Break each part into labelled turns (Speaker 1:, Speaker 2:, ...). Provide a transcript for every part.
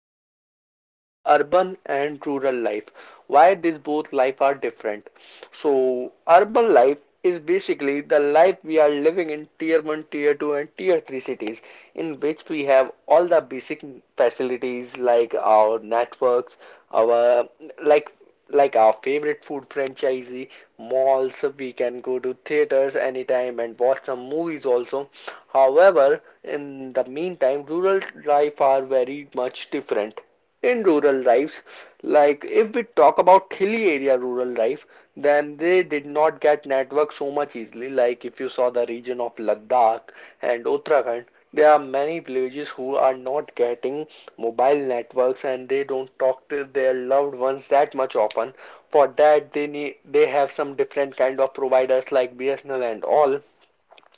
Speaker 1: new topic is urban and rural life. Why these both life are different. So, urban life is basically the life we are living in tier 1, tier 2 and tier 3 cities in which we have all the basic facilities like our networks, our like like our favorite food franchisee malls. We can go to theaters anytime and watch some movies also. However, in the meantime, rural life are very much different in rural lives. Like if we talk about hilly area rural life, then they did not get network so much easily. Like if you saw the region of Ladakh and Uttarakhand, there are many villages who are not getting mobile networks and they don't talk to their loved ones that much often. For that, they have some different kind of providers like BSNL and all.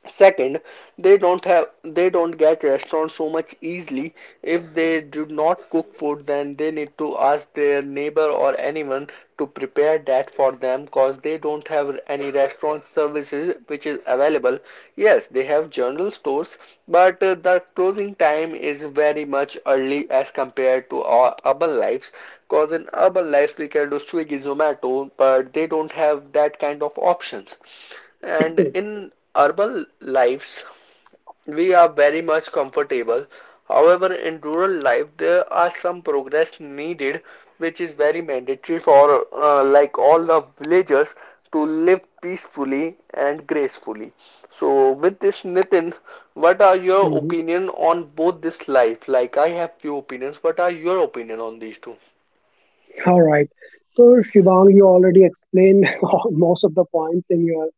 Speaker 1: Second, they don't get restaurants so much easily. If they do not cook food, then they need to ask their neighbor or anyone to prepare that for them because they don't have any restaurant services which is available. Yes, they have general stores, but the closing time is very much early as compared to our urban lives. Because in urban lives we can do Swiggy, Zomato, but they don't have that kind of options. And in urban lives, we are very much comfortable. However, in rural life, there are some progress needed, which is very mandatory for like all the villagers to live peacefully and gracefully. So, with this, Nitin, what are your
Speaker 2: Mhm.
Speaker 1: opinion on both this life? Like, I have few opinions. What are your opinion on these two?
Speaker 2: All right. So, Shivang, you already explained most of the points in your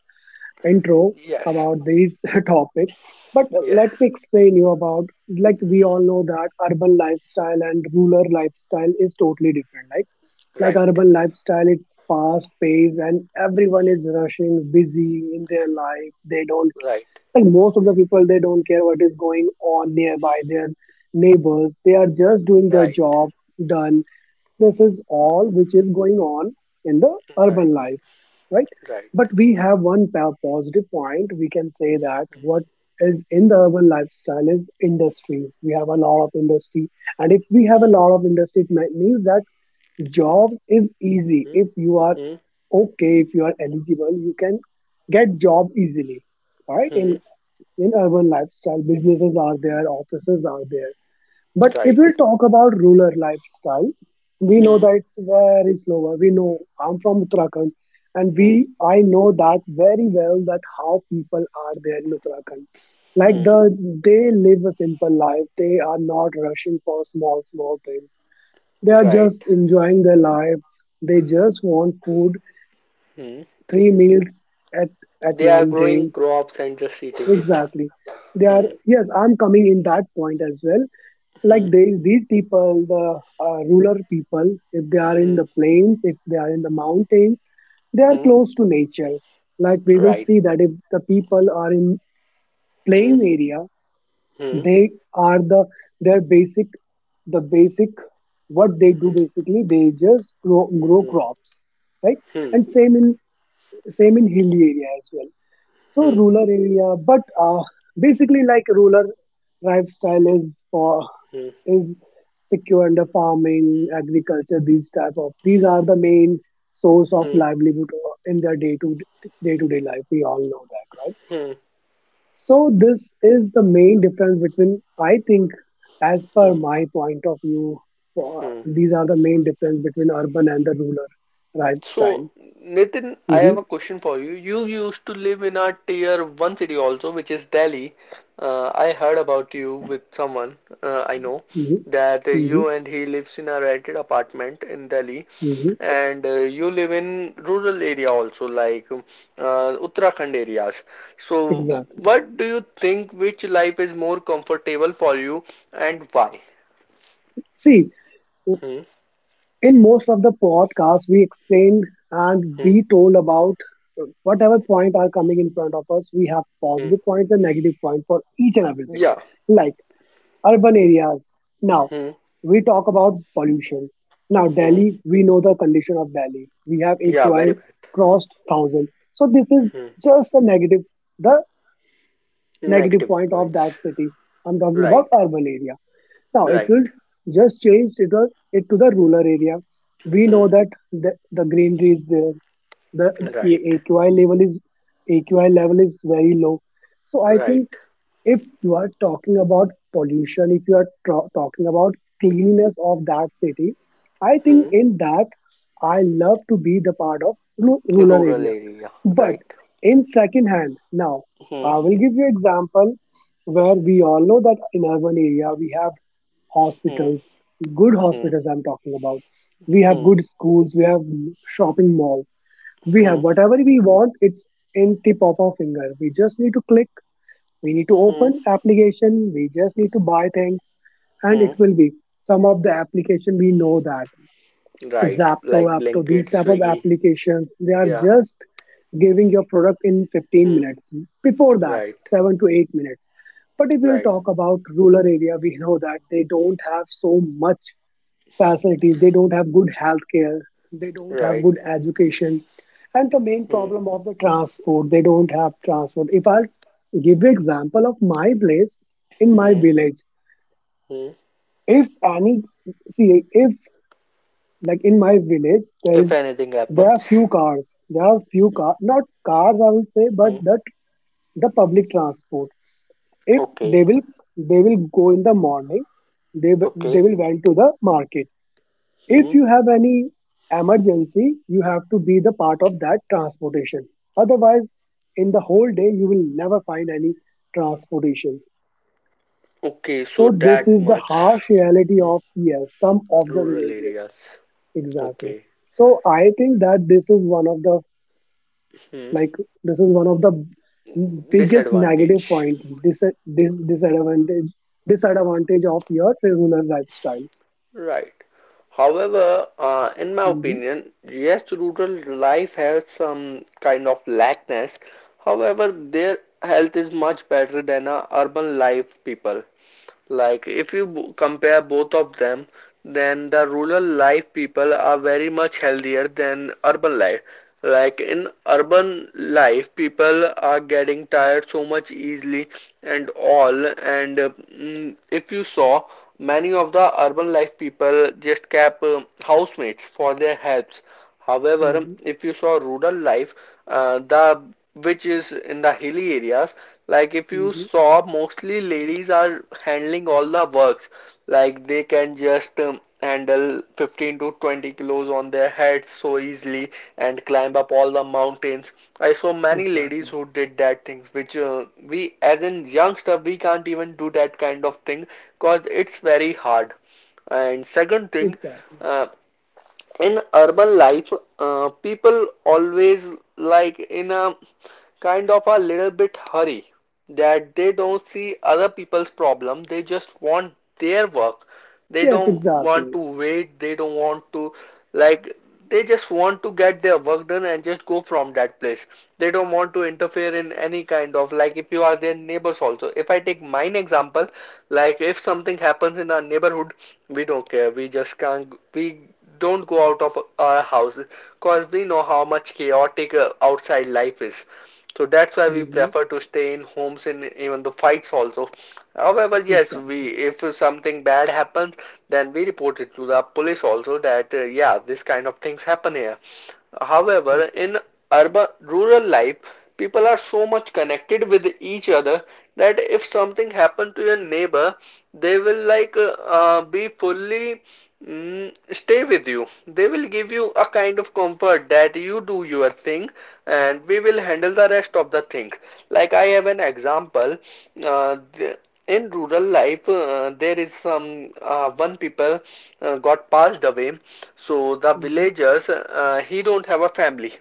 Speaker 2: intro
Speaker 1: Yes.
Speaker 2: about this topic. But
Speaker 1: Yes.
Speaker 2: let me explain you about, like we
Speaker 1: Hmm.
Speaker 2: all know that urban lifestyle and rural lifestyle is totally different. Like
Speaker 1: Right.
Speaker 2: urban lifestyle, it's fast paced and everyone is rushing, busy in their life. They don't,
Speaker 1: Right.
Speaker 2: Like most of the people, they don't care what is going on nearby their neighbors. They are just doing their
Speaker 1: Right.
Speaker 2: job done. This is all which is going on in the
Speaker 1: Right.
Speaker 2: urban life, right?
Speaker 1: Right.
Speaker 2: But we have one positive point. We can say that what is in the urban lifestyle is industries. We have a lot of industry, and if we have
Speaker 1: Hmm.
Speaker 2: a lot of industry, it means that job is easy.
Speaker 1: Hmm,
Speaker 2: If you are
Speaker 1: hmm,
Speaker 2: okay, if you are eligible, you can get job easily. All right, in
Speaker 1: hmm.
Speaker 2: in urban lifestyle, businesses are there, offices are there. But if we
Speaker 1: Right.
Speaker 2: talk about rural lifestyle, we know
Speaker 1: Hmm,
Speaker 2: that it's very slower. We know I'm from Uttarakhand, and
Speaker 1: hmm,
Speaker 2: we I know that very well that how people are there in Uttarakhand. Like
Speaker 1: hmm.
Speaker 2: the they live a simple life. They are not rushing for small small things. They are
Speaker 1: Right.
Speaker 2: just enjoying their life. They just want food,
Speaker 1: Hmm.
Speaker 2: three meals at at
Speaker 1: They are
Speaker 2: one
Speaker 1: growing
Speaker 2: day.
Speaker 1: crops and just eating it.
Speaker 2: Exactly. They are,
Speaker 1: Hmm,
Speaker 2: yes, I'm coming in that point as well. Like
Speaker 1: hmm,
Speaker 2: they, these people, the rural people, if they are in
Speaker 1: hmm,
Speaker 2: the plains, if they are in the mountains, they are
Speaker 1: hmm.
Speaker 2: close to nature. Like we will
Speaker 1: Right.
Speaker 2: see that if the people are in
Speaker 1: Hmm,
Speaker 2: plain area,
Speaker 1: hmm,
Speaker 2: they are the their basic, the basic what they do
Speaker 1: hmm,
Speaker 2: basically, they just grow
Speaker 1: hmm,
Speaker 2: crops, right?
Speaker 1: hmm,
Speaker 2: And same in hilly area as well, so rural area. But Basically, like rural lifestyle is for
Speaker 1: hmm,
Speaker 2: is secure under farming agriculture. These type of These are the main source of
Speaker 1: hmm,
Speaker 2: livelihood, in their day to day life. We all know that, right?
Speaker 1: hmm,
Speaker 2: So this is the main difference, between I think, as per
Speaker 1: hmm,
Speaker 2: my point of view,
Speaker 1: hmm.
Speaker 2: these are the main difference between urban and the rural lifestyle.
Speaker 1: So, Nitin, I
Speaker 2: Hmm
Speaker 1: have a question for you. You used to live in a tier one city also, which is Delhi. I heard about you with someone I know
Speaker 2: hmm
Speaker 1: that
Speaker 2: hmm
Speaker 1: you and he lives in a rented apartment in Delhi,
Speaker 2: hmm
Speaker 1: and you live in rural area also, like Uttarakhand areas. So,
Speaker 2: Exactly.
Speaker 1: what do you think? Which life is more comfortable for you, and why?
Speaker 2: See,
Speaker 1: Hmm,
Speaker 2: in most of the podcasts, we explained and
Speaker 1: hmm,
Speaker 2: we told about, whatever point are coming in front of us. We have
Speaker 1: hmm.
Speaker 2: positive points and negative points for each and everything,
Speaker 1: Yeah.
Speaker 2: like urban areas. Now,
Speaker 1: Hmm,
Speaker 2: we talk about pollution. Now,
Speaker 1: hmm.
Speaker 2: Delhi, we know the condition of Delhi. We have
Speaker 1: Yeah,
Speaker 2: AQI
Speaker 1: very bad.
Speaker 2: crossed 1,000. So this is
Speaker 1: Hmm.
Speaker 2: just the negative
Speaker 1: Negative
Speaker 2: point of that
Speaker 1: points.
Speaker 2: city. I'm talking about
Speaker 1: Right,
Speaker 2: urban area. Now, if
Speaker 1: right,
Speaker 2: you just change it to the rural area, we know
Speaker 1: hmm,
Speaker 2: that the greenery is there, the
Speaker 1: right,
Speaker 2: AQI level is AQI level is very low. So I think
Speaker 1: right,
Speaker 2: if you are talking about pollution, if you are talking about cleanliness of that city, I think
Speaker 1: hmm.
Speaker 2: in that I love to be the part of rural
Speaker 1: Rural
Speaker 2: area.
Speaker 1: area,
Speaker 2: But
Speaker 1: right.
Speaker 2: in second hand, now
Speaker 1: Hmm,
Speaker 2: I will give you example where we all know that in urban area we have
Speaker 1: hmm,
Speaker 2: hospitals, good
Speaker 1: hmm,
Speaker 2: hospitals. I'm talking about. We have
Speaker 1: hmm,
Speaker 2: good schools. We have shopping malls. We have
Speaker 1: hmm,
Speaker 2: whatever we want. It's in tip of our finger. We just need to click We need to
Speaker 1: hmm,
Speaker 2: open application. We just need to buy things, and it
Speaker 1: hmm.
Speaker 2: will be, some of the application we know that,
Speaker 1: Right,
Speaker 2: Zapto,
Speaker 1: like
Speaker 2: Apto,
Speaker 1: blanket,
Speaker 2: these type of
Speaker 1: Swiggy.
Speaker 2: applications, they are
Speaker 1: Yeah,
Speaker 2: just giving your product in 15
Speaker 1: hmm,
Speaker 2: minutes. Before that,
Speaker 1: right,
Speaker 2: 7 to 8 minutes. But if we'll
Speaker 1: right,
Speaker 2: talk about rural area, we know that they don't have so much facilities, they don't have good healthcare, they don't have
Speaker 1: right,
Speaker 2: good education. And the main
Speaker 1: hmm,
Speaker 2: problem of the transport, they don't have transport. If I give you example of my place in my
Speaker 1: hmm,
Speaker 2: village,
Speaker 1: hmm.
Speaker 2: if any, see, if like in my village, there
Speaker 1: If
Speaker 2: is
Speaker 1: anything
Speaker 2: there are
Speaker 1: happens,
Speaker 2: few cars, there are few car, not cars I will say, but
Speaker 1: hmm,
Speaker 2: that the public transport. If they
Speaker 1: okay,
Speaker 2: will they will go in the morning, they
Speaker 1: okay,
Speaker 2: will went to the market.
Speaker 1: hmm,
Speaker 2: If you have any emergency, you have to be the part of that transportation. Otherwise, in the whole day, you will never find any transportation.
Speaker 1: okay, so
Speaker 2: So this
Speaker 1: that
Speaker 2: is the
Speaker 1: much
Speaker 2: harsh reality of, yes, some of the
Speaker 1: rural
Speaker 2: villages,
Speaker 1: areas,
Speaker 2: exactly.
Speaker 1: okay,
Speaker 2: So I think that this is one of the,
Speaker 1: hmm,
Speaker 2: like this is one of the biggest negative
Speaker 1: disadvantage.
Speaker 2: point disadvantage, disadvantage of your rural lifestyle.
Speaker 1: Right. However, in my
Speaker 2: Hmm
Speaker 1: opinion, yes, rural life has some kind of lackness. However, their health is much better than a urban life people. Like, if you compare both of them, then the rural life people are very much healthier than urban life. Like, in urban life, people are getting tired so much easily and all. And if you saw, many of the urban life people just kept housemates for their helps. However,
Speaker 2: hmm
Speaker 1: if you saw rural life, the which is in the hilly areas, like if you
Speaker 2: hmm
Speaker 1: saw mostly ladies are handling all the works, like they can just handle 15 to 20 kilos on their heads so easily and climb up all the mountains. I saw many ladies
Speaker 2: Exactly.
Speaker 1: who did that things, which we as in youngster we can't even do that kind of thing because it's very hard. And second thing,
Speaker 2: Exactly.
Speaker 1: uh, in urban life, people always like in a kind of a little bit hurry that they don't see other people's problem. They just want their work. They
Speaker 2: Yes,
Speaker 1: don't want
Speaker 2: exactly.
Speaker 1: to wait. They don't want to like they just want to get their work done and just go from that place. They don't want to interfere in any kind of, like if you are their neighbors also. If I take mine example, like if something happens in our neighborhood, we don't care. We just can't we don't go out of our house because we know how much chaotic outside life is. So that's why we
Speaker 2: hmm
Speaker 1: prefer to stay in homes in even the fights also. However, yes, we
Speaker 2: Exactly.
Speaker 1: if something bad happens, then we report it to the police also that yeah, this kind of things happen here. However, in
Speaker 2: Exactly.
Speaker 1: urban rural life, people are so much connected with each other that if something happened to your neighbor, they will stay with you. They will give you a kind of comfort that you do your thing and we will handle the rest of the thing. Like I have an example. Uh, the, in rural life, there is some one people got passed away. So the
Speaker 2: hmm
Speaker 1: villagers, he don't have a family.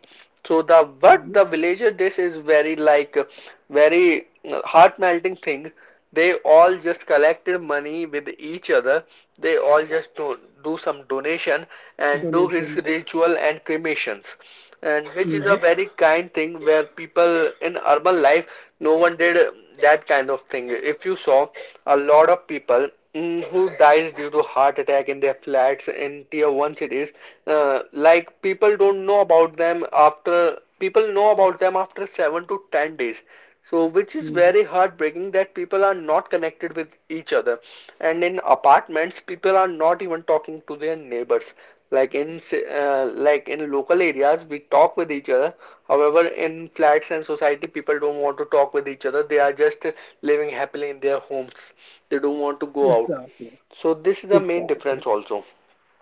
Speaker 1: So the what
Speaker 2: hmm
Speaker 1: the villager does is very very heart melting thing. They all just collected money with each other. They all just do some donation and do his
Speaker 2: Donations.
Speaker 1: ritual and cremations. And which is a
Speaker 2: Hmm
Speaker 1: very kind thing where people in urban life, no one did that kind of thing. If you saw a lot of people who dies due to heart attack in their flats in tier 1 cities, like people don't know about them after people know about them after 7 to 10 days. So, which is very
Speaker 2: hmm
Speaker 1: heartbreaking that people are not connected with each other. And in apartments, people are not even talking to their neighbors. Like in like in local areas, we talk with each other. However, in flats and society, people don't want to talk with each other. They are just living happily in their homes. They don't want to go out.
Speaker 2: Exactly.
Speaker 1: So this is the main difference
Speaker 2: Exactly.
Speaker 1: also.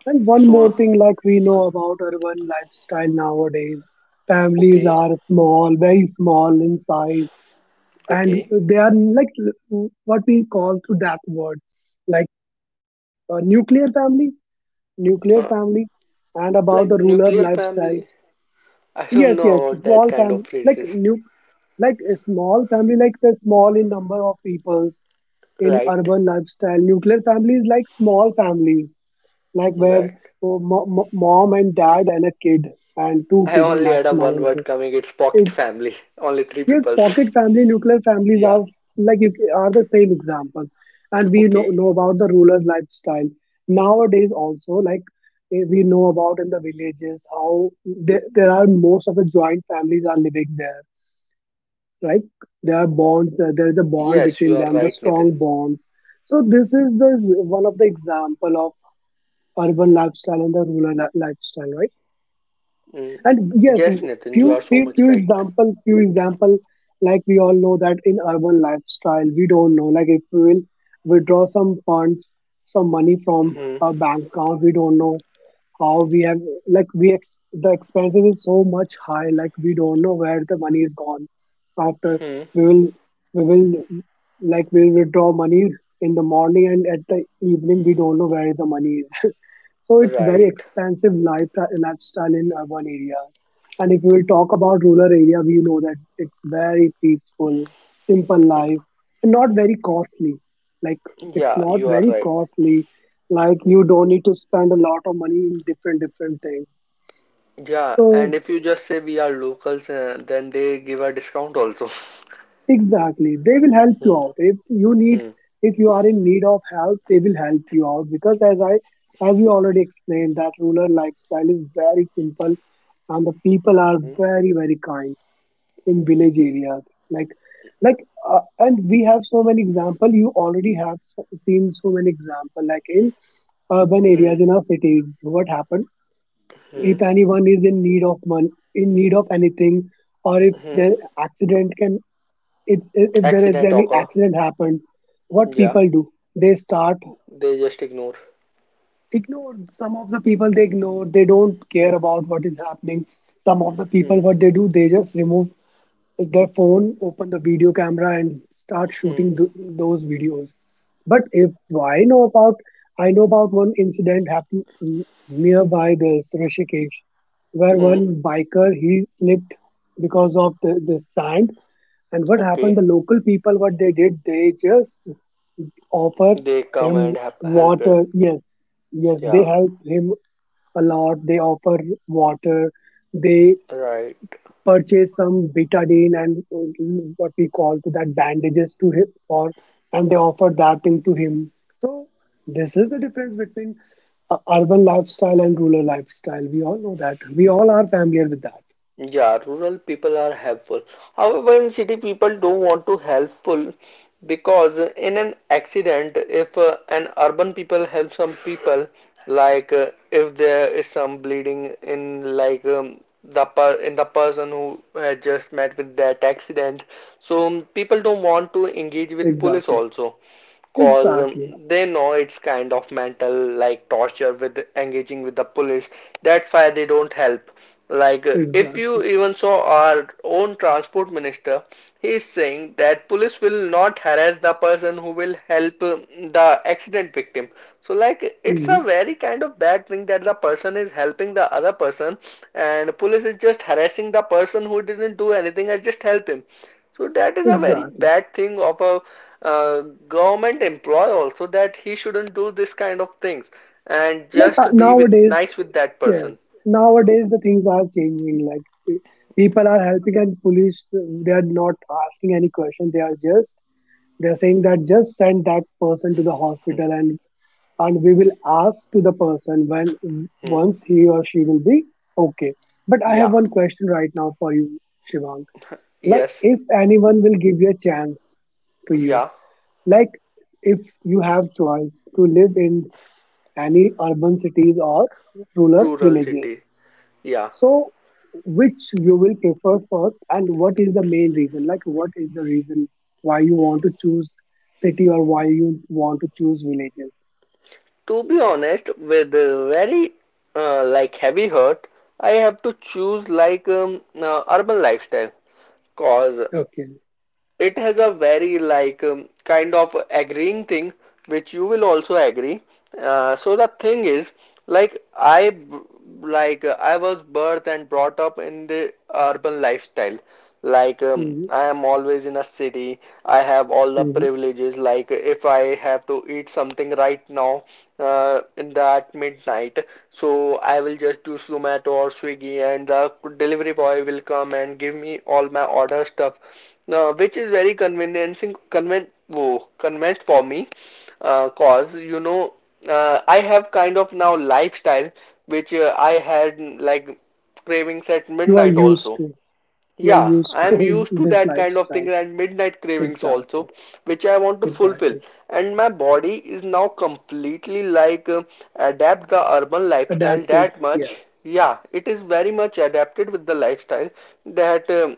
Speaker 2: And one more
Speaker 1: So
Speaker 2: thing, like we know about urban lifestyle nowadays, families
Speaker 1: okay,
Speaker 2: are small, very small in size, and
Speaker 1: okay.
Speaker 2: they are like, what we call through that word, like a nuclear
Speaker 1: Uh,
Speaker 2: family, and about
Speaker 1: like
Speaker 2: the rural
Speaker 1: nuclear
Speaker 2: lifestyle.
Speaker 1: family, I don't
Speaker 2: Yes,
Speaker 1: know
Speaker 2: yes,
Speaker 1: about that
Speaker 2: small
Speaker 1: kind of
Speaker 2: family,
Speaker 1: phrases,
Speaker 2: like a small family, like the small in number of peoples in
Speaker 1: right?
Speaker 2: urban lifestyle. Nuclear families like small families, like where,
Speaker 1: Right.
Speaker 2: oh, mom and dad and a kid and two
Speaker 1: I
Speaker 2: kids
Speaker 1: only had a one
Speaker 2: maximum.
Speaker 1: word coming. It's pocket family. Only three
Speaker 2: Yes,
Speaker 1: peoples.
Speaker 2: pocket family, nuclear families
Speaker 1: Yeah.
Speaker 2: are like you are the same example, and we
Speaker 1: Okay.
Speaker 2: know about the rural lifestyle nowadays also. Like, we know about in the villages how there are most of the joint families are living there. Right, there are bonds. There is a bond
Speaker 1: Yes, you
Speaker 2: between
Speaker 1: are
Speaker 2: them, the
Speaker 1: right, Nitin.
Speaker 2: strong bonds. So this is the one of the example of urban lifestyle and the rural lifestyle, right?
Speaker 1: Mm.
Speaker 2: And yes,
Speaker 1: Yes, Nitin, you are so much right.
Speaker 2: few example, like we all know that in urban lifestyle, we don't know. Like if we will withdraw some funds, some money from
Speaker 1: Hmm.
Speaker 2: a bank account, we don't know how we have, like we the expenses is so much high. Like we don't know where the money is gone. After
Speaker 1: Hmm.
Speaker 2: we will we will like we'll withdraw money in the morning and at the evening we don't know where the money is. So it's very
Speaker 1: Right.
Speaker 2: expensive lifestyle in urban area. And if we'll talk about rural area, we know that it's very peaceful, simple life, and not very costly. Like it's
Speaker 1: Yeah,
Speaker 2: not
Speaker 1: you are
Speaker 2: very
Speaker 1: right.
Speaker 2: costly. Like you don't need to spend a lot of money in different different things.
Speaker 1: Yeah, and
Speaker 2: So,
Speaker 1: if you just say we are locals, then they give a discount also.
Speaker 2: exactly. They will help you
Speaker 1: Hmm.
Speaker 2: out. If you need,
Speaker 1: Hmm.
Speaker 2: if you are in need of help, they will help you out because as I, as you already explained, that rural lifestyle is very simple and the people are
Speaker 1: Hmm.
Speaker 2: very, very kind in village areas. Like, like, and we have so many example. You already have so, seen so many example, like in urban
Speaker 1: Hmm.
Speaker 2: areas in our cities. What happened?
Speaker 1: Hmm.
Speaker 2: If anyone is in need of money, in need of anything, or if the
Speaker 1: Hmm.
Speaker 2: accident can it's if there is
Speaker 1: Accident
Speaker 2: any
Speaker 1: occur.
Speaker 2: accident happened, what
Speaker 1: Yeah,
Speaker 2: people do, they start
Speaker 1: they just ignore.
Speaker 2: ignore, some of the people they ignore, they don't
Speaker 1: Hmm.
Speaker 2: care about what is happening. Some of the people
Speaker 1: Hmm.
Speaker 2: what they do, they just remove the phone, open the video camera, and start
Speaker 1: Hmm.
Speaker 2: shooting those videos. But if I know about, I know about one incident happened nearby this Rishikesh, where
Speaker 1: Hmm.
Speaker 2: one biker he slipped because of the sand. And what
Speaker 1: Okay.
Speaker 2: happened? The local people, what they did, they just offer
Speaker 1: They come
Speaker 2: him
Speaker 1: and help, help him.
Speaker 2: water. Yes, yes, they
Speaker 1: Yeah,
Speaker 2: help him a lot. They offer water. They
Speaker 1: right.
Speaker 2: purchase some betadine and, what we call to that, bandages to him, or and they offer that thing to him. So this is the difference between, urban lifestyle and rural lifestyle. We all know that, we all are familiar with that.
Speaker 1: Yeah, rural people are helpful. However, in city people don't want to helpful because in an accident, if an urban people help some people, like if there is some bleeding in the person who had just met with that accident, so people don't want to engage with police
Speaker 2: Exactly,
Speaker 1: also. Cause
Speaker 2: exactly,
Speaker 1: they know it's kind of mental like torture with engaging with the police. That's why they don't help. Like if you
Speaker 2: exactly.
Speaker 1: even saw our own transport minister, he is saying that police will not harass the person who will help the accident victim. So like it's a
Speaker 2: hmm
Speaker 1: very kind of bad thing that the person is helping the other person and police is just harassing the person who didn't do anything and just help him. So that is a very
Speaker 2: exactly.
Speaker 1: bad thing of a uh, government employee also that he shouldn't do this kind of things and
Speaker 2: Like,
Speaker 1: just be with
Speaker 2: nowadays,
Speaker 1: nice with that person.
Speaker 2: yes, nowadays the things are changing. People are helping and police, they are not asking any question. They are just, they're saying that just send that person to the
Speaker 1: Hmm.
Speaker 2: hospital, and we will ask to the person when
Speaker 1: Hmm.
Speaker 2: once he or she will be okay. But I
Speaker 1: Yeah.
Speaker 2: have one question right now for you, Shivang. Like
Speaker 1: Yes.
Speaker 2: if anyone will give you a chance to you,
Speaker 1: Yeah.
Speaker 2: like if you have choice to live in any urban cities or rural
Speaker 1: Rural
Speaker 2: villages,
Speaker 1: city. Yeah.
Speaker 2: so, which you will prefer first, and what is the main reason? Like, what is the reason why you want to choose city or why you want to choose villages?
Speaker 1: To be honest, with a very like heavy hurt, I have to choose like urban lifestyle. Cause
Speaker 2: Okay.
Speaker 1: it has a very like kind of agreeing thing, which you will also agree. So the thing is, like I I was birthed and brought up in the urban lifestyle. Like
Speaker 2: hmm
Speaker 1: I am always in a city. I have all the
Speaker 2: hmm
Speaker 1: privileges. Like if I have to eat something right now in that midnight, so I will just do Zomato or Swiggy, and the delivery boy will come and give me all my order stuff now, which is very convenient for me. Cause you know, I have kind of now lifestyle which I had like cravings at
Speaker 2: You are
Speaker 1: midnight
Speaker 2: used
Speaker 1: also.
Speaker 2: to, you are
Speaker 1: Yeah,
Speaker 2: used
Speaker 1: I'm
Speaker 2: to
Speaker 1: used to
Speaker 2: this
Speaker 1: that kind of thing
Speaker 2: lifestyle.
Speaker 1: and midnight cravings also,
Speaker 2: Exactly.
Speaker 1: which I want to fulfill.
Speaker 2: Exactly.
Speaker 1: And my body is now completely adapt the urban lifestyle
Speaker 2: Adapted.
Speaker 1: that much.
Speaker 2: Yes.
Speaker 1: Yeah, it is very much adapted with the lifestyle that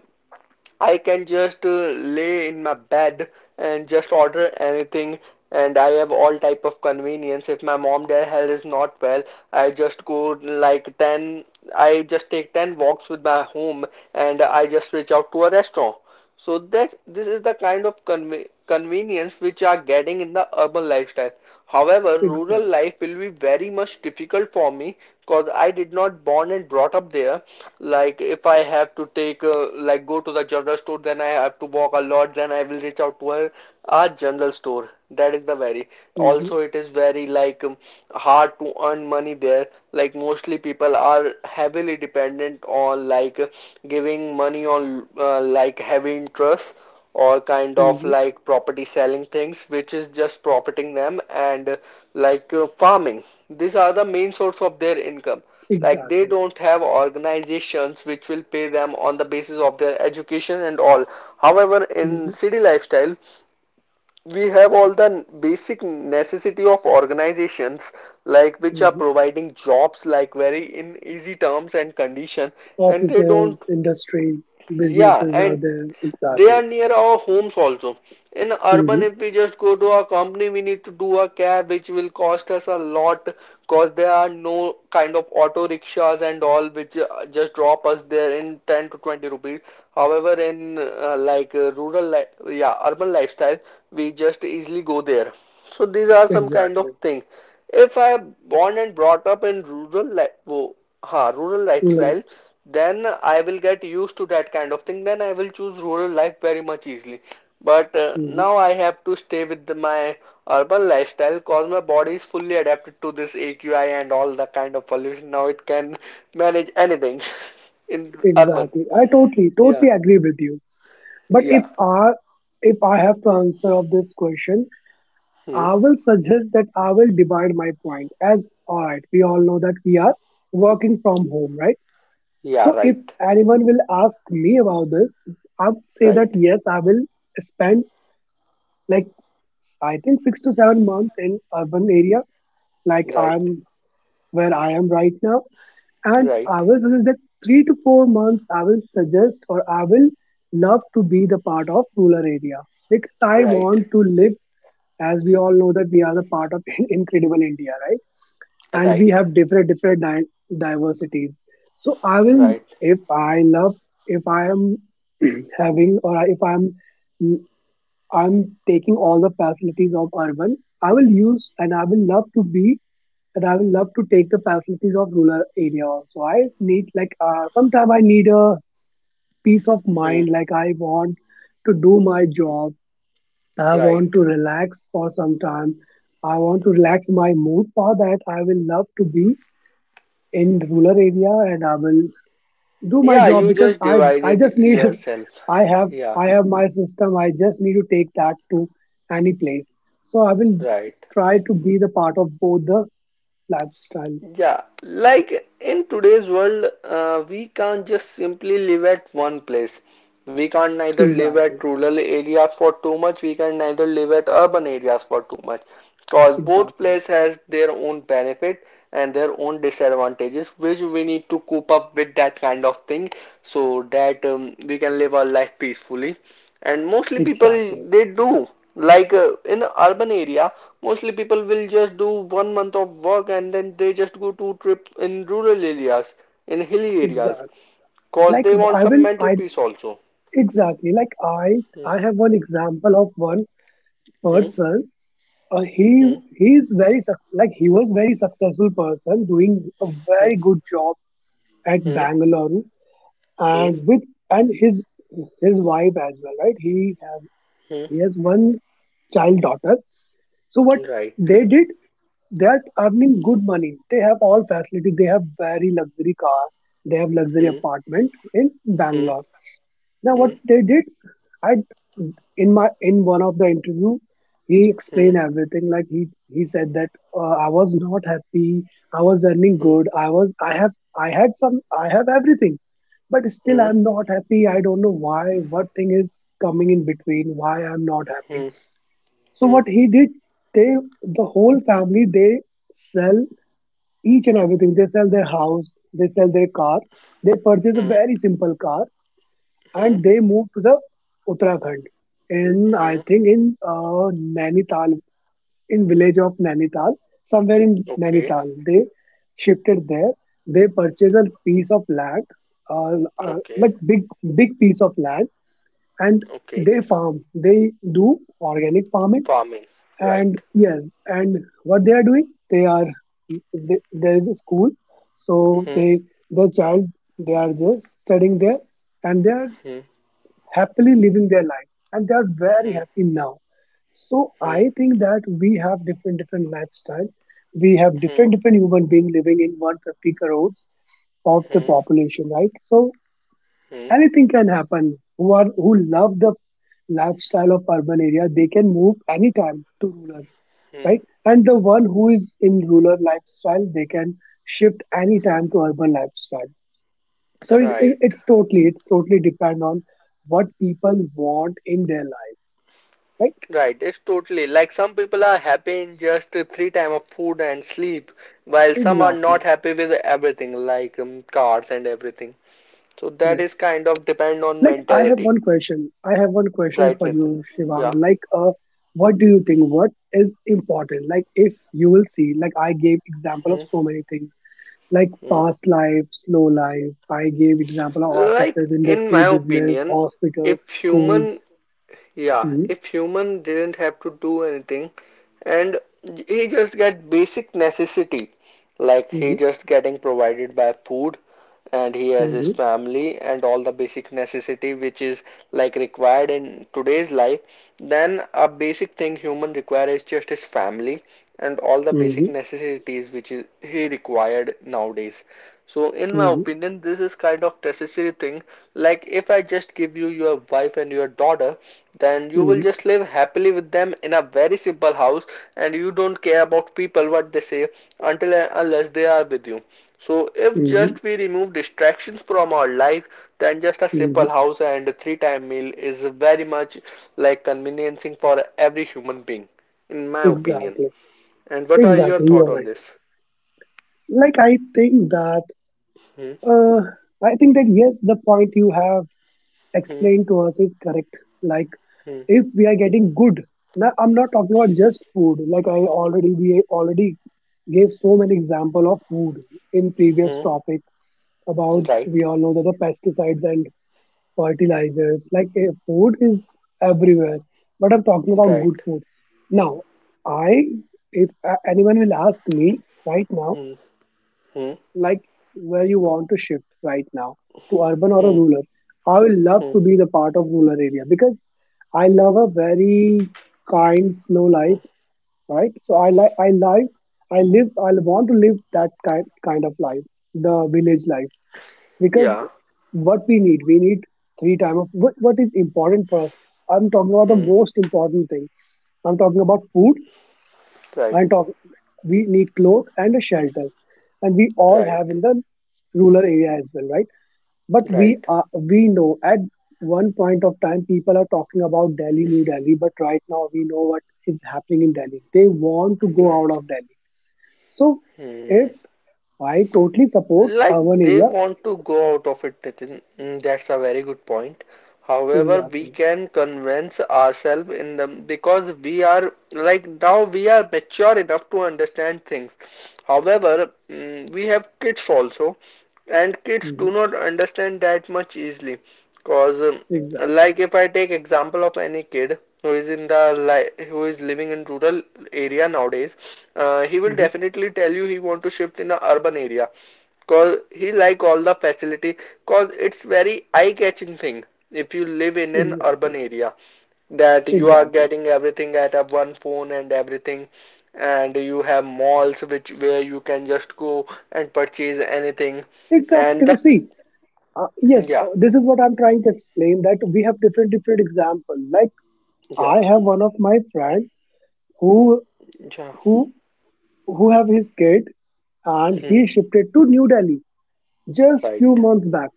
Speaker 1: I can just lay in my bed and just order anything and I have all type of convenience. If my mom their health is not well, I just go like 10, I just take 10 walks with my home and I just reach out to a restaurant. So that this is the kind of convenience which are getting in the urban lifestyle. However, rural
Speaker 2: Exactly.
Speaker 1: life will be very much difficult for me because I did not born and brought up there. Like if I have to take like go to the general store, then I have to walk a lot. Then I will reach out to a general store. That is the very.
Speaker 2: hmm
Speaker 1: Also, it is very like hard to earn money there, like mostly people are heavily dependent on like giving money on like heavy interest or kind of
Speaker 2: hmm
Speaker 1: like property selling things which is just profiting them and like farming. These are the main source of their income, like they
Speaker 2: Exactly.
Speaker 1: don't have organizations which will pay them on the basis of their education and all. However, in
Speaker 2: hmm
Speaker 1: city lifestyle we have all the basic necessity of organizations like which are
Speaker 2: hmm
Speaker 1: providing jobs like very in easy terms and condition, and they don't.
Speaker 2: Offices, industries,
Speaker 1: Yeah,
Speaker 2: businesses are
Speaker 1: and
Speaker 2: there.
Speaker 1: they
Speaker 2: Exactly.
Speaker 1: are near our homes also. In urban,
Speaker 2: hmm
Speaker 1: if we just go to our company, we need to do a cab, which will cost us a lot because there are no kind of auto rickshaws and all which just drop us there in 10 to 20 rupees. However, in like rural, li yeah, urban lifestyle, we just easily go there. So these are some kind of
Speaker 2: Exactly.
Speaker 1: thing. If I born and brought up in rural, like, ha rural
Speaker 2: Well,
Speaker 1: lifestyle, then I will get used to that kind of thing, then I will choose rural life very much easily. But
Speaker 2: mm-hmm.
Speaker 1: now I have to stay with the, my urban lifestyle cause my body is fully adapted to this aqi and all the kind of pollution. Now it can manage anything in urban.
Speaker 2: Exactly. I totally,
Speaker 1: Yeah.
Speaker 2: totally agree with you. But if
Speaker 1: Yeah.
Speaker 2: I, if I have to answer of this question,
Speaker 1: Hmm.
Speaker 2: I will suggest that I will divide my point as, all right, we all know that we are working from home, right?
Speaker 1: Yeah.
Speaker 2: So if
Speaker 1: Right.
Speaker 2: anyone will ask me about this, I would say that
Speaker 1: Right.
Speaker 2: yes, I will spend like I think 6 to 7 months in urban area, like
Speaker 1: Right.
Speaker 2: I'm where I am right now. And
Speaker 1: Right.
Speaker 2: I will suggest that 3 to 4 months, I will suggest or I will love to be the part of rural area because I
Speaker 1: Right.
Speaker 2: want to live as we all know that we are the part of incredible India, right? And we
Speaker 1: Right.
Speaker 2: have different diversities. So I will,
Speaker 1: Right.
Speaker 2: if I love, if I am having or if I'm, I'm taking all the facilities of urban, I will use and I will love to be and I will love to take the facilities of rural area also. I need sometime I need a peace of
Speaker 1: Hmm.
Speaker 2: mind. Like I want to do my job. I want
Speaker 1: Right.
Speaker 2: to relax for some time. I want to relax my mood. For that, I will love to be in rural area and I will do my
Speaker 1: Yeah,
Speaker 2: job
Speaker 1: you
Speaker 2: because
Speaker 1: just
Speaker 2: I
Speaker 1: divided
Speaker 2: just need.
Speaker 1: yourself.
Speaker 2: I have
Speaker 1: Yeah,
Speaker 2: I have my system. I just need to take that to any place. So I will
Speaker 1: right.
Speaker 2: try to be the part of both the lifestyle.
Speaker 1: Yeah, like in today's world, we can't just simply live at one place. We can't neither live
Speaker 2: Exactly.
Speaker 1: at rural areas for too much, we can neither live at urban areas for too much. Because both
Speaker 2: Exactly.
Speaker 1: places has their own benefit and their own disadvantages, which we need to cope up with that kind of thing so that we can live our life peacefully. And mostly people,
Speaker 2: Exactly.
Speaker 1: they do like in a urban area mostly people will just do 1 month of work and then they just go to trip in rural areas, in hilly areas,
Speaker 2: Exactly.
Speaker 1: cause
Speaker 2: Like
Speaker 1: they want
Speaker 2: I
Speaker 1: some
Speaker 2: will
Speaker 1: mental
Speaker 2: I
Speaker 1: peace also.
Speaker 2: exactly, like I
Speaker 1: Hmm.
Speaker 2: have one example of one
Speaker 1: Hmm.
Speaker 2: person. Uh, he
Speaker 1: Hmm.
Speaker 2: he is like he was very successful person doing a very good job at
Speaker 1: Hmm. Hmm.
Speaker 2: Bangalore
Speaker 1: Hmm.
Speaker 2: and with and his wife as well, right?
Speaker 1: Hmm.
Speaker 2: He has one child daughter. So what
Speaker 1: Right.
Speaker 2: they did, they are earning good money. They have all facility. They have very luxury car. They have luxury
Speaker 1: Hmm.
Speaker 2: apartment in Bangalore.
Speaker 1: Hmm.
Speaker 2: Now, what
Speaker 1: Hmm.
Speaker 2: they did, I in one of the interview, he
Speaker 1: Hmm.
Speaker 2: explained everything. Like he said that uh, I was not happy. I was earning
Speaker 1: Hmm.
Speaker 2: good. I had some I have everything, but still
Speaker 1: Hmm.
Speaker 2: I'm not happy. I don't know why. What thing is coming in between? Why I'm not happy?
Speaker 1: Hmm.
Speaker 2: So
Speaker 1: Hmm.
Speaker 2: what he did, they the whole family, they sell each and everything. They sell their house, they sell their car, they purchase a
Speaker 1: Hmm.
Speaker 2: very simple car,
Speaker 1: Hmm.
Speaker 2: and they move to the Uttarakhand. In I
Speaker 1: Hmm.
Speaker 2: think in Nainital, in village of Nainital, somewhere in
Speaker 1: Okay.
Speaker 2: Nainital, they shifted there. They purchased a piece of land, like
Speaker 1: Okay.
Speaker 2: big piece of land, and
Speaker 1: Okay.
Speaker 2: they farm. They do organic farming.
Speaker 1: Farming. Right.
Speaker 2: And yes, and what they are doing, they, there is a school, so
Speaker 1: Hmm.
Speaker 2: the child, they are just studying there, and they are
Speaker 1: Hmm.
Speaker 2: happily living their life, and they are very
Speaker 1: Hmm.
Speaker 2: happy now. So
Speaker 1: Hmm,
Speaker 2: I think that we have different different lifestyle, we have
Speaker 1: hmm,
Speaker 2: different different human being living in 150 crores of the
Speaker 1: hmm,
Speaker 2: population, right? So
Speaker 1: hmm,
Speaker 2: anything can happen. Who love the lifestyle of urban area, they can move anytime to rural,
Speaker 1: hmm.
Speaker 2: right? And the one who is in rural lifestyle, they can shift anytime to urban lifestyle. So
Speaker 1: Right,
Speaker 2: it's totally depend on what people want in their life, right?
Speaker 1: right. It's totally like some people are happy in just three time of food and sleep, while some are not
Speaker 2: Exactly.
Speaker 1: happy with everything like cars and everything. So
Speaker 2: Yeah.
Speaker 1: that is kind of depend on
Speaker 2: Like I have
Speaker 1: mentality,
Speaker 2: one question. I have one question
Speaker 1: right,
Speaker 2: for
Speaker 1: Nitin?
Speaker 2: you, Shivang.
Speaker 1: Yeah.
Speaker 2: Like, what do you think? What is important? Like, if you will see, like I gave example of
Speaker 1: Hmm,
Speaker 2: so many things, like
Speaker 1: hmm.
Speaker 2: fast life, slow life. I gave example of
Speaker 1: Like
Speaker 2: offices,
Speaker 1: in
Speaker 2: industry,
Speaker 1: my
Speaker 2: business,
Speaker 1: opinion,
Speaker 2: hospitals,
Speaker 1: if human
Speaker 2: schools.
Speaker 1: Yeah,
Speaker 2: Hmm.
Speaker 1: if human didn't have to do anything and he just get basic necessity, like he
Speaker 2: Mhm,
Speaker 1: just getting provided by food and he has his
Speaker 2: mhm,
Speaker 1: family and all the basic necessity which is like required in today's life, then a basic thing human require is just his family and all the basic
Speaker 2: mhm,
Speaker 1: necessities which is he required nowadays. So in my
Speaker 2: mhm,
Speaker 1: opinion, this is kind of necessary thing. Like if I just give you your wife and your daughter, then you will
Speaker 2: mhm,
Speaker 1: just live happily with them in a very simple house, and you don't care about people what they say until and unless they are with you. So if
Speaker 2: mhm.
Speaker 1: just we remove distractions from our life, then just a
Speaker 2: Mhm.
Speaker 1: simple house and a three time meal is very much like conveniencing for every human being, in my opinion.
Speaker 2: Exactly.
Speaker 1: And what are your
Speaker 2: Exactly. You
Speaker 1: thought
Speaker 2: are
Speaker 1: on
Speaker 2: right.
Speaker 1: this?
Speaker 2: Like
Speaker 1: Hmm,
Speaker 2: uh I think that yes, the point you have
Speaker 1: hmm,
Speaker 2: explained to us is correct. Like
Speaker 1: hmm,
Speaker 2: if we are getting good, now I'm not talking about just food. Like I already we already gave so many example of food in previous
Speaker 1: hmm.
Speaker 2: topic about we
Speaker 1: Right.
Speaker 2: all know that the pesticides and fertilizers. Like food is everywhere, but I'm talking about good
Speaker 1: Right.
Speaker 2: food. Now, I if anyone will ask me right now,
Speaker 1: Hmm. Hmm.
Speaker 2: like where you want to shift right now to urban or a
Speaker 1: Hmm.
Speaker 2: rural, I will love
Speaker 1: Hmm.
Speaker 2: to be the part of rural area because I love a very kind, slow life.
Speaker 1: Hmm.
Speaker 2: Right, so I live I want to live that kind of life, the village life, because
Speaker 1: Yeah.
Speaker 2: what we need, we need three time of what is important for us. I'm talking about the
Speaker 1: Hmm.
Speaker 2: most important thing. I'm talking about food.
Speaker 1: Right.
Speaker 2: I'm talk We need clothes and a shelter, and we all have
Speaker 1: Right.
Speaker 2: in the rural area as well, right? But
Speaker 1: Right.
Speaker 2: we know at one point of time people are talking about Delhi, New Delhi, but right now we know what is happening in Delhi. They want to go out
Speaker 1: Right.
Speaker 2: of Delhi. So
Speaker 1: Hmm.
Speaker 2: if I totally support
Speaker 1: Like
Speaker 2: urban
Speaker 1: they
Speaker 2: area,
Speaker 1: want to go out of it, Nitin. Mm, that's a very good point. However, we
Speaker 2: exactly.
Speaker 1: can convince ourselves in the because we are like now we are mature enough to understand things. However, mm, we have kids also, and kids
Speaker 2: Mhm.
Speaker 1: do not understand that much easily. Cause
Speaker 2: Exactly.
Speaker 1: like if I take example of any kid who is in the li who is living in rural area nowadays, he will
Speaker 2: Mhm.
Speaker 1: definitely tell you he want to shift in a urban area. Cause he like all the facility. Cause it's very eye-catching thing. If you live in an urban
Speaker 2: Exactly.
Speaker 1: area, that you are
Speaker 2: Exactly.
Speaker 1: getting everything at a one phone and everything, and you have malls which where you can just go and purchase anything, and
Speaker 2: Exactly.
Speaker 1: the
Speaker 2: See, yes,
Speaker 1: yeah.
Speaker 2: this is what I'm trying to explain, that we have different different examples. Like
Speaker 1: Yeah.
Speaker 2: I have one of my friend who
Speaker 1: Yeah.
Speaker 2: who who have his kid and he
Speaker 1: Hmm.
Speaker 2: shifted to New Delhi just few
Speaker 1: Right.
Speaker 2: months back.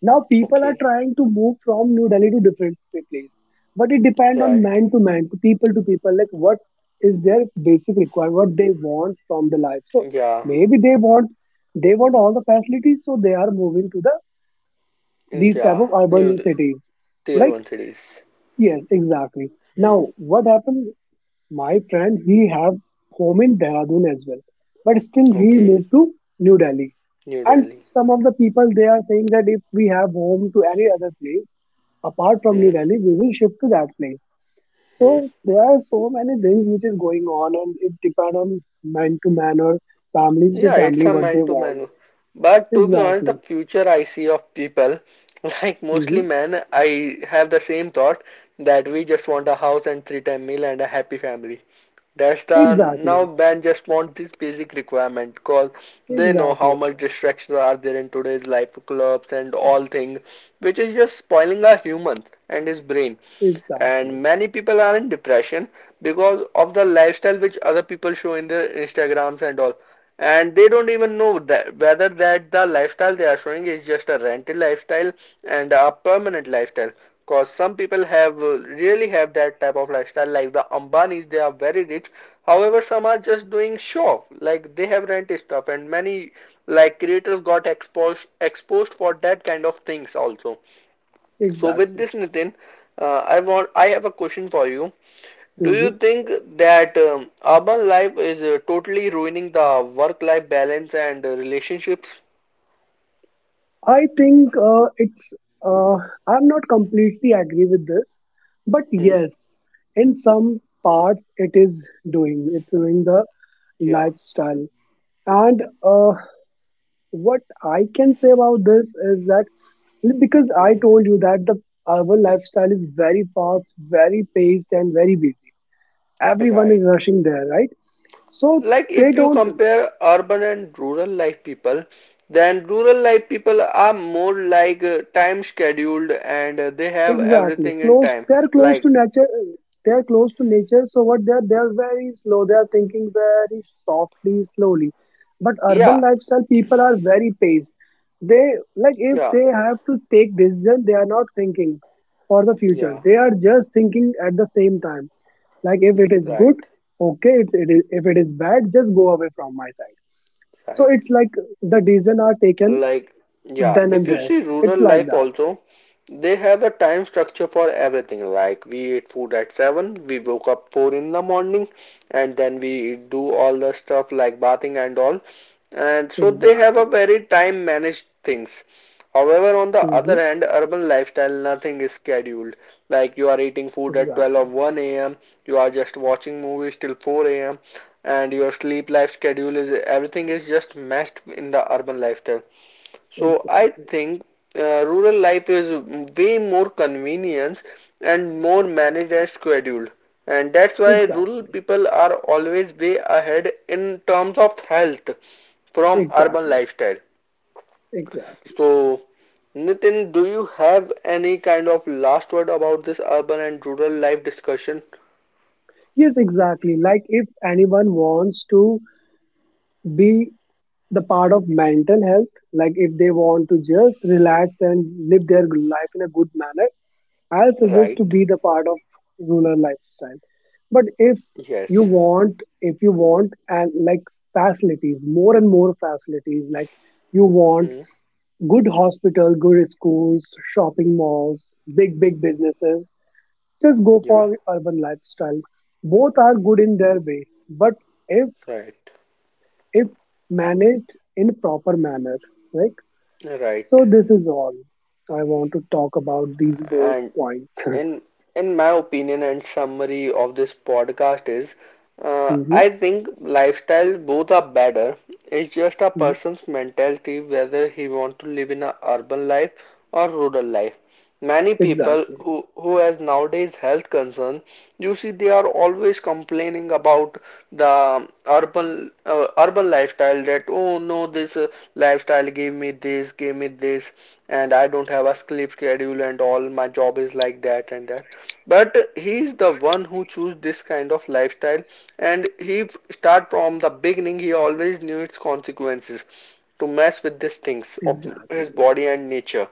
Speaker 2: Now people are
Speaker 1: Okay.
Speaker 2: trying to move from New Delhi to different place, but it depends on
Speaker 1: Right.
Speaker 2: man to man, to people, like what is their basic requirement, what they want from the life. So
Speaker 1: Yeah.
Speaker 2: maybe they want all the facilities, so they are moving to the these type
Speaker 1: Yeah.
Speaker 2: of
Speaker 1: New
Speaker 2: urban cities.
Speaker 1: tier
Speaker 2: Like
Speaker 1: one cities.
Speaker 2: yes, exactly.
Speaker 1: Hmm.
Speaker 2: Now what happened? My friend, he have home in Dehradun as well, but still he
Speaker 1: Okay.
Speaker 2: moved to New Delhi.
Speaker 1: New
Speaker 2: And
Speaker 1: Delhi.
Speaker 2: some of the people they are saying that if we have home to any other place apart from New
Speaker 1: Hmm.
Speaker 2: Delhi, we will shift to that place. So
Speaker 1: Hmm.
Speaker 2: there are so many things which is going on, and it depends on man to man or families to
Speaker 1: Yeah, it's
Speaker 2: family
Speaker 1: a
Speaker 2: what
Speaker 1: man
Speaker 2: they
Speaker 1: to
Speaker 2: want.
Speaker 1: man. But to be honest, the
Speaker 2: Exactly.
Speaker 1: future I see of people, like mostly
Speaker 2: Hmm.
Speaker 1: men, I have the same thought that we just want a house and three time meal and a happy family. That's the now
Speaker 2: Exactly.
Speaker 1: men just want this basic requirement because they know how
Speaker 2: Exactly.
Speaker 1: much distractions are there in today's life, clubs and all thing, which is just spoiling our humans and his brain, and
Speaker 2: Exactly.
Speaker 1: many people are in depression because of the lifestyle which other people show in their instagrams and all, and they don't even know that whether that the lifestyle they are showing is just a rented lifestyle and a permanent lifestyle, because some people have really have that type of lifestyle like the Ambanis, they are very rich. However, some are just doing show off like they have rented stuff and many like creators got exposed for that kind of things also. So with
Speaker 2: Exactly.
Speaker 1: this, Nitin, I have a question for you. Do
Speaker 2: Hmm.
Speaker 1: you think that urban life is totally ruining the work-life balance and relationships?
Speaker 2: I think it's. Uh, I'm not completely agree with this, but
Speaker 1: Hmm.
Speaker 2: yes, in some parts it is doing. It's doing the
Speaker 1: Yeah.
Speaker 2: lifestyle, and what I can say about this is that because I
Speaker 1: Hmm.
Speaker 2: told you that the urban lifestyle is very fast, very paced, and very busy. Everyone is
Speaker 1: Right.
Speaker 2: rushing there, right? So
Speaker 1: Like
Speaker 2: they
Speaker 1: if you
Speaker 2: don't.
Speaker 1: compare urban and rural life people, then rural life people are more like time scheduled and they have
Speaker 2: Exactly.
Speaker 1: everything in
Speaker 2: Close.
Speaker 1: time.
Speaker 2: They're close to
Speaker 1: Like
Speaker 2: nature. They're close to nature. So what they're very slow. They're thinking very softly, slowly. But urban
Speaker 1: yeah,
Speaker 2: lifestyle people are very paced. They, like if
Speaker 1: yeah,
Speaker 2: they have to take decision, they are not thinking for the future.
Speaker 1: yeah.
Speaker 2: They are just thinking at the same time. Like if it is
Speaker 1: Right.
Speaker 2: good, okay. If it is bad, just go away from my side. So
Speaker 1: Right.
Speaker 2: it's like the decision are taken
Speaker 1: Like, yeah,
Speaker 2: then and
Speaker 1: if you
Speaker 2: there.
Speaker 1: see rural
Speaker 2: It's like
Speaker 1: life
Speaker 2: that.
Speaker 1: also, they have a time structure for everything. Like, we eat food at 7, we woke up 4 in the morning, and then we do all the stuff like bathing and all. And so they have a
Speaker 2: Exactly.
Speaker 1: very time managed things. However, on the
Speaker 2: Hmm.
Speaker 1: other hand, urban lifestyle, nothing is scheduled. Like you are eating food at 12 or
Speaker 2: Exactly.
Speaker 1: 1 a.m., you are just watching movies till 4 a.m., and your sleep life schedule is everything is just meshed in the urban lifestyle. So I
Speaker 2: Exactly.
Speaker 1: think rural life is way more convenient and more managed and scheduled. And that's why rural
Speaker 2: Exactly.
Speaker 1: people are always way ahead in terms of health from urban
Speaker 2: Exactly.
Speaker 1: lifestyle.
Speaker 2: Exactly.
Speaker 1: So, Nitin, do you have any kind of last word about this urban and rural life discussion?
Speaker 2: Yes, exactly. Like if anyone wants to be the part of mental health, like if they want to just relax and live their life in a good manner, I'll suggest to
Speaker 1: Right.
Speaker 2: be the part of rural lifestyle. But
Speaker 1: Yes.
Speaker 2: if you want and like facilities, more and more facilities, like you want
Speaker 1: Hmm.
Speaker 2: good hospital, good schools, shopping malls, big, big businesses, just go for
Speaker 1: Yeah.
Speaker 2: urban lifestyle. Both are good in their way, but if
Speaker 1: Right.
Speaker 2: if managed in proper manner, like
Speaker 1: Right.
Speaker 2: so, this is all I want to talk about these both
Speaker 1: And
Speaker 2: points.
Speaker 1: in in my opinion and summary of this podcast is uh, I
Speaker 2: Mhm,
Speaker 1: think lifestyle both are better, it's just a
Speaker 2: mhm.
Speaker 1: person's mentality whether he want to live in a urban life or rural life. Many people who
Speaker 2: Exactly,
Speaker 1: who has nowadays health concern, you see they are always complaining about the urban urban lifestyle that oh no this lifestyle gave me this, gave me this, and I don't have a sleep schedule and all my job is like that and that, but he is the one who chose this kind of lifestyle, and he, start from the beginning he always knew its consequences to mess with
Speaker 2: exactly,
Speaker 1: these things of his body and nature.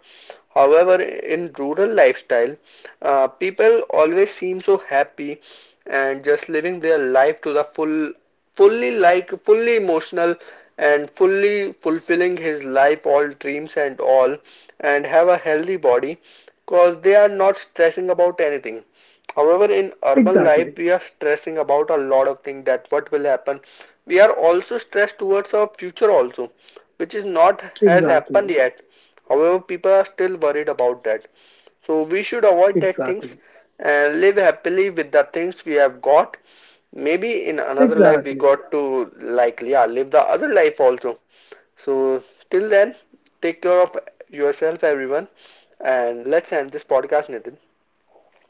Speaker 1: However, in rural lifestyle, people always seem so happy and just living their life to the full, fully like fully emotional and fully fulfilling his life, all dreams and all, and have a healthy body because they are not stressing about anything. However,
Speaker 2: exactly,
Speaker 1: in urban life, we are stressing about a lot of things that what will happen. We are also stressed towards our future also which is not
Speaker 2: exactly,
Speaker 1: has happened yet. However, people are still worried about that. So we should avoid
Speaker 2: exactly,
Speaker 1: that things and live happily with the things we have got. Maybe in another life
Speaker 2: exactly.
Speaker 1: we got to like yeah live the other life also. So till then, take care of yourself, everyone, and let's end this podcast, Nathan.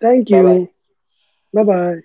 Speaker 2: Thank
Speaker 1: Bye bye.
Speaker 2: you. Bye bye.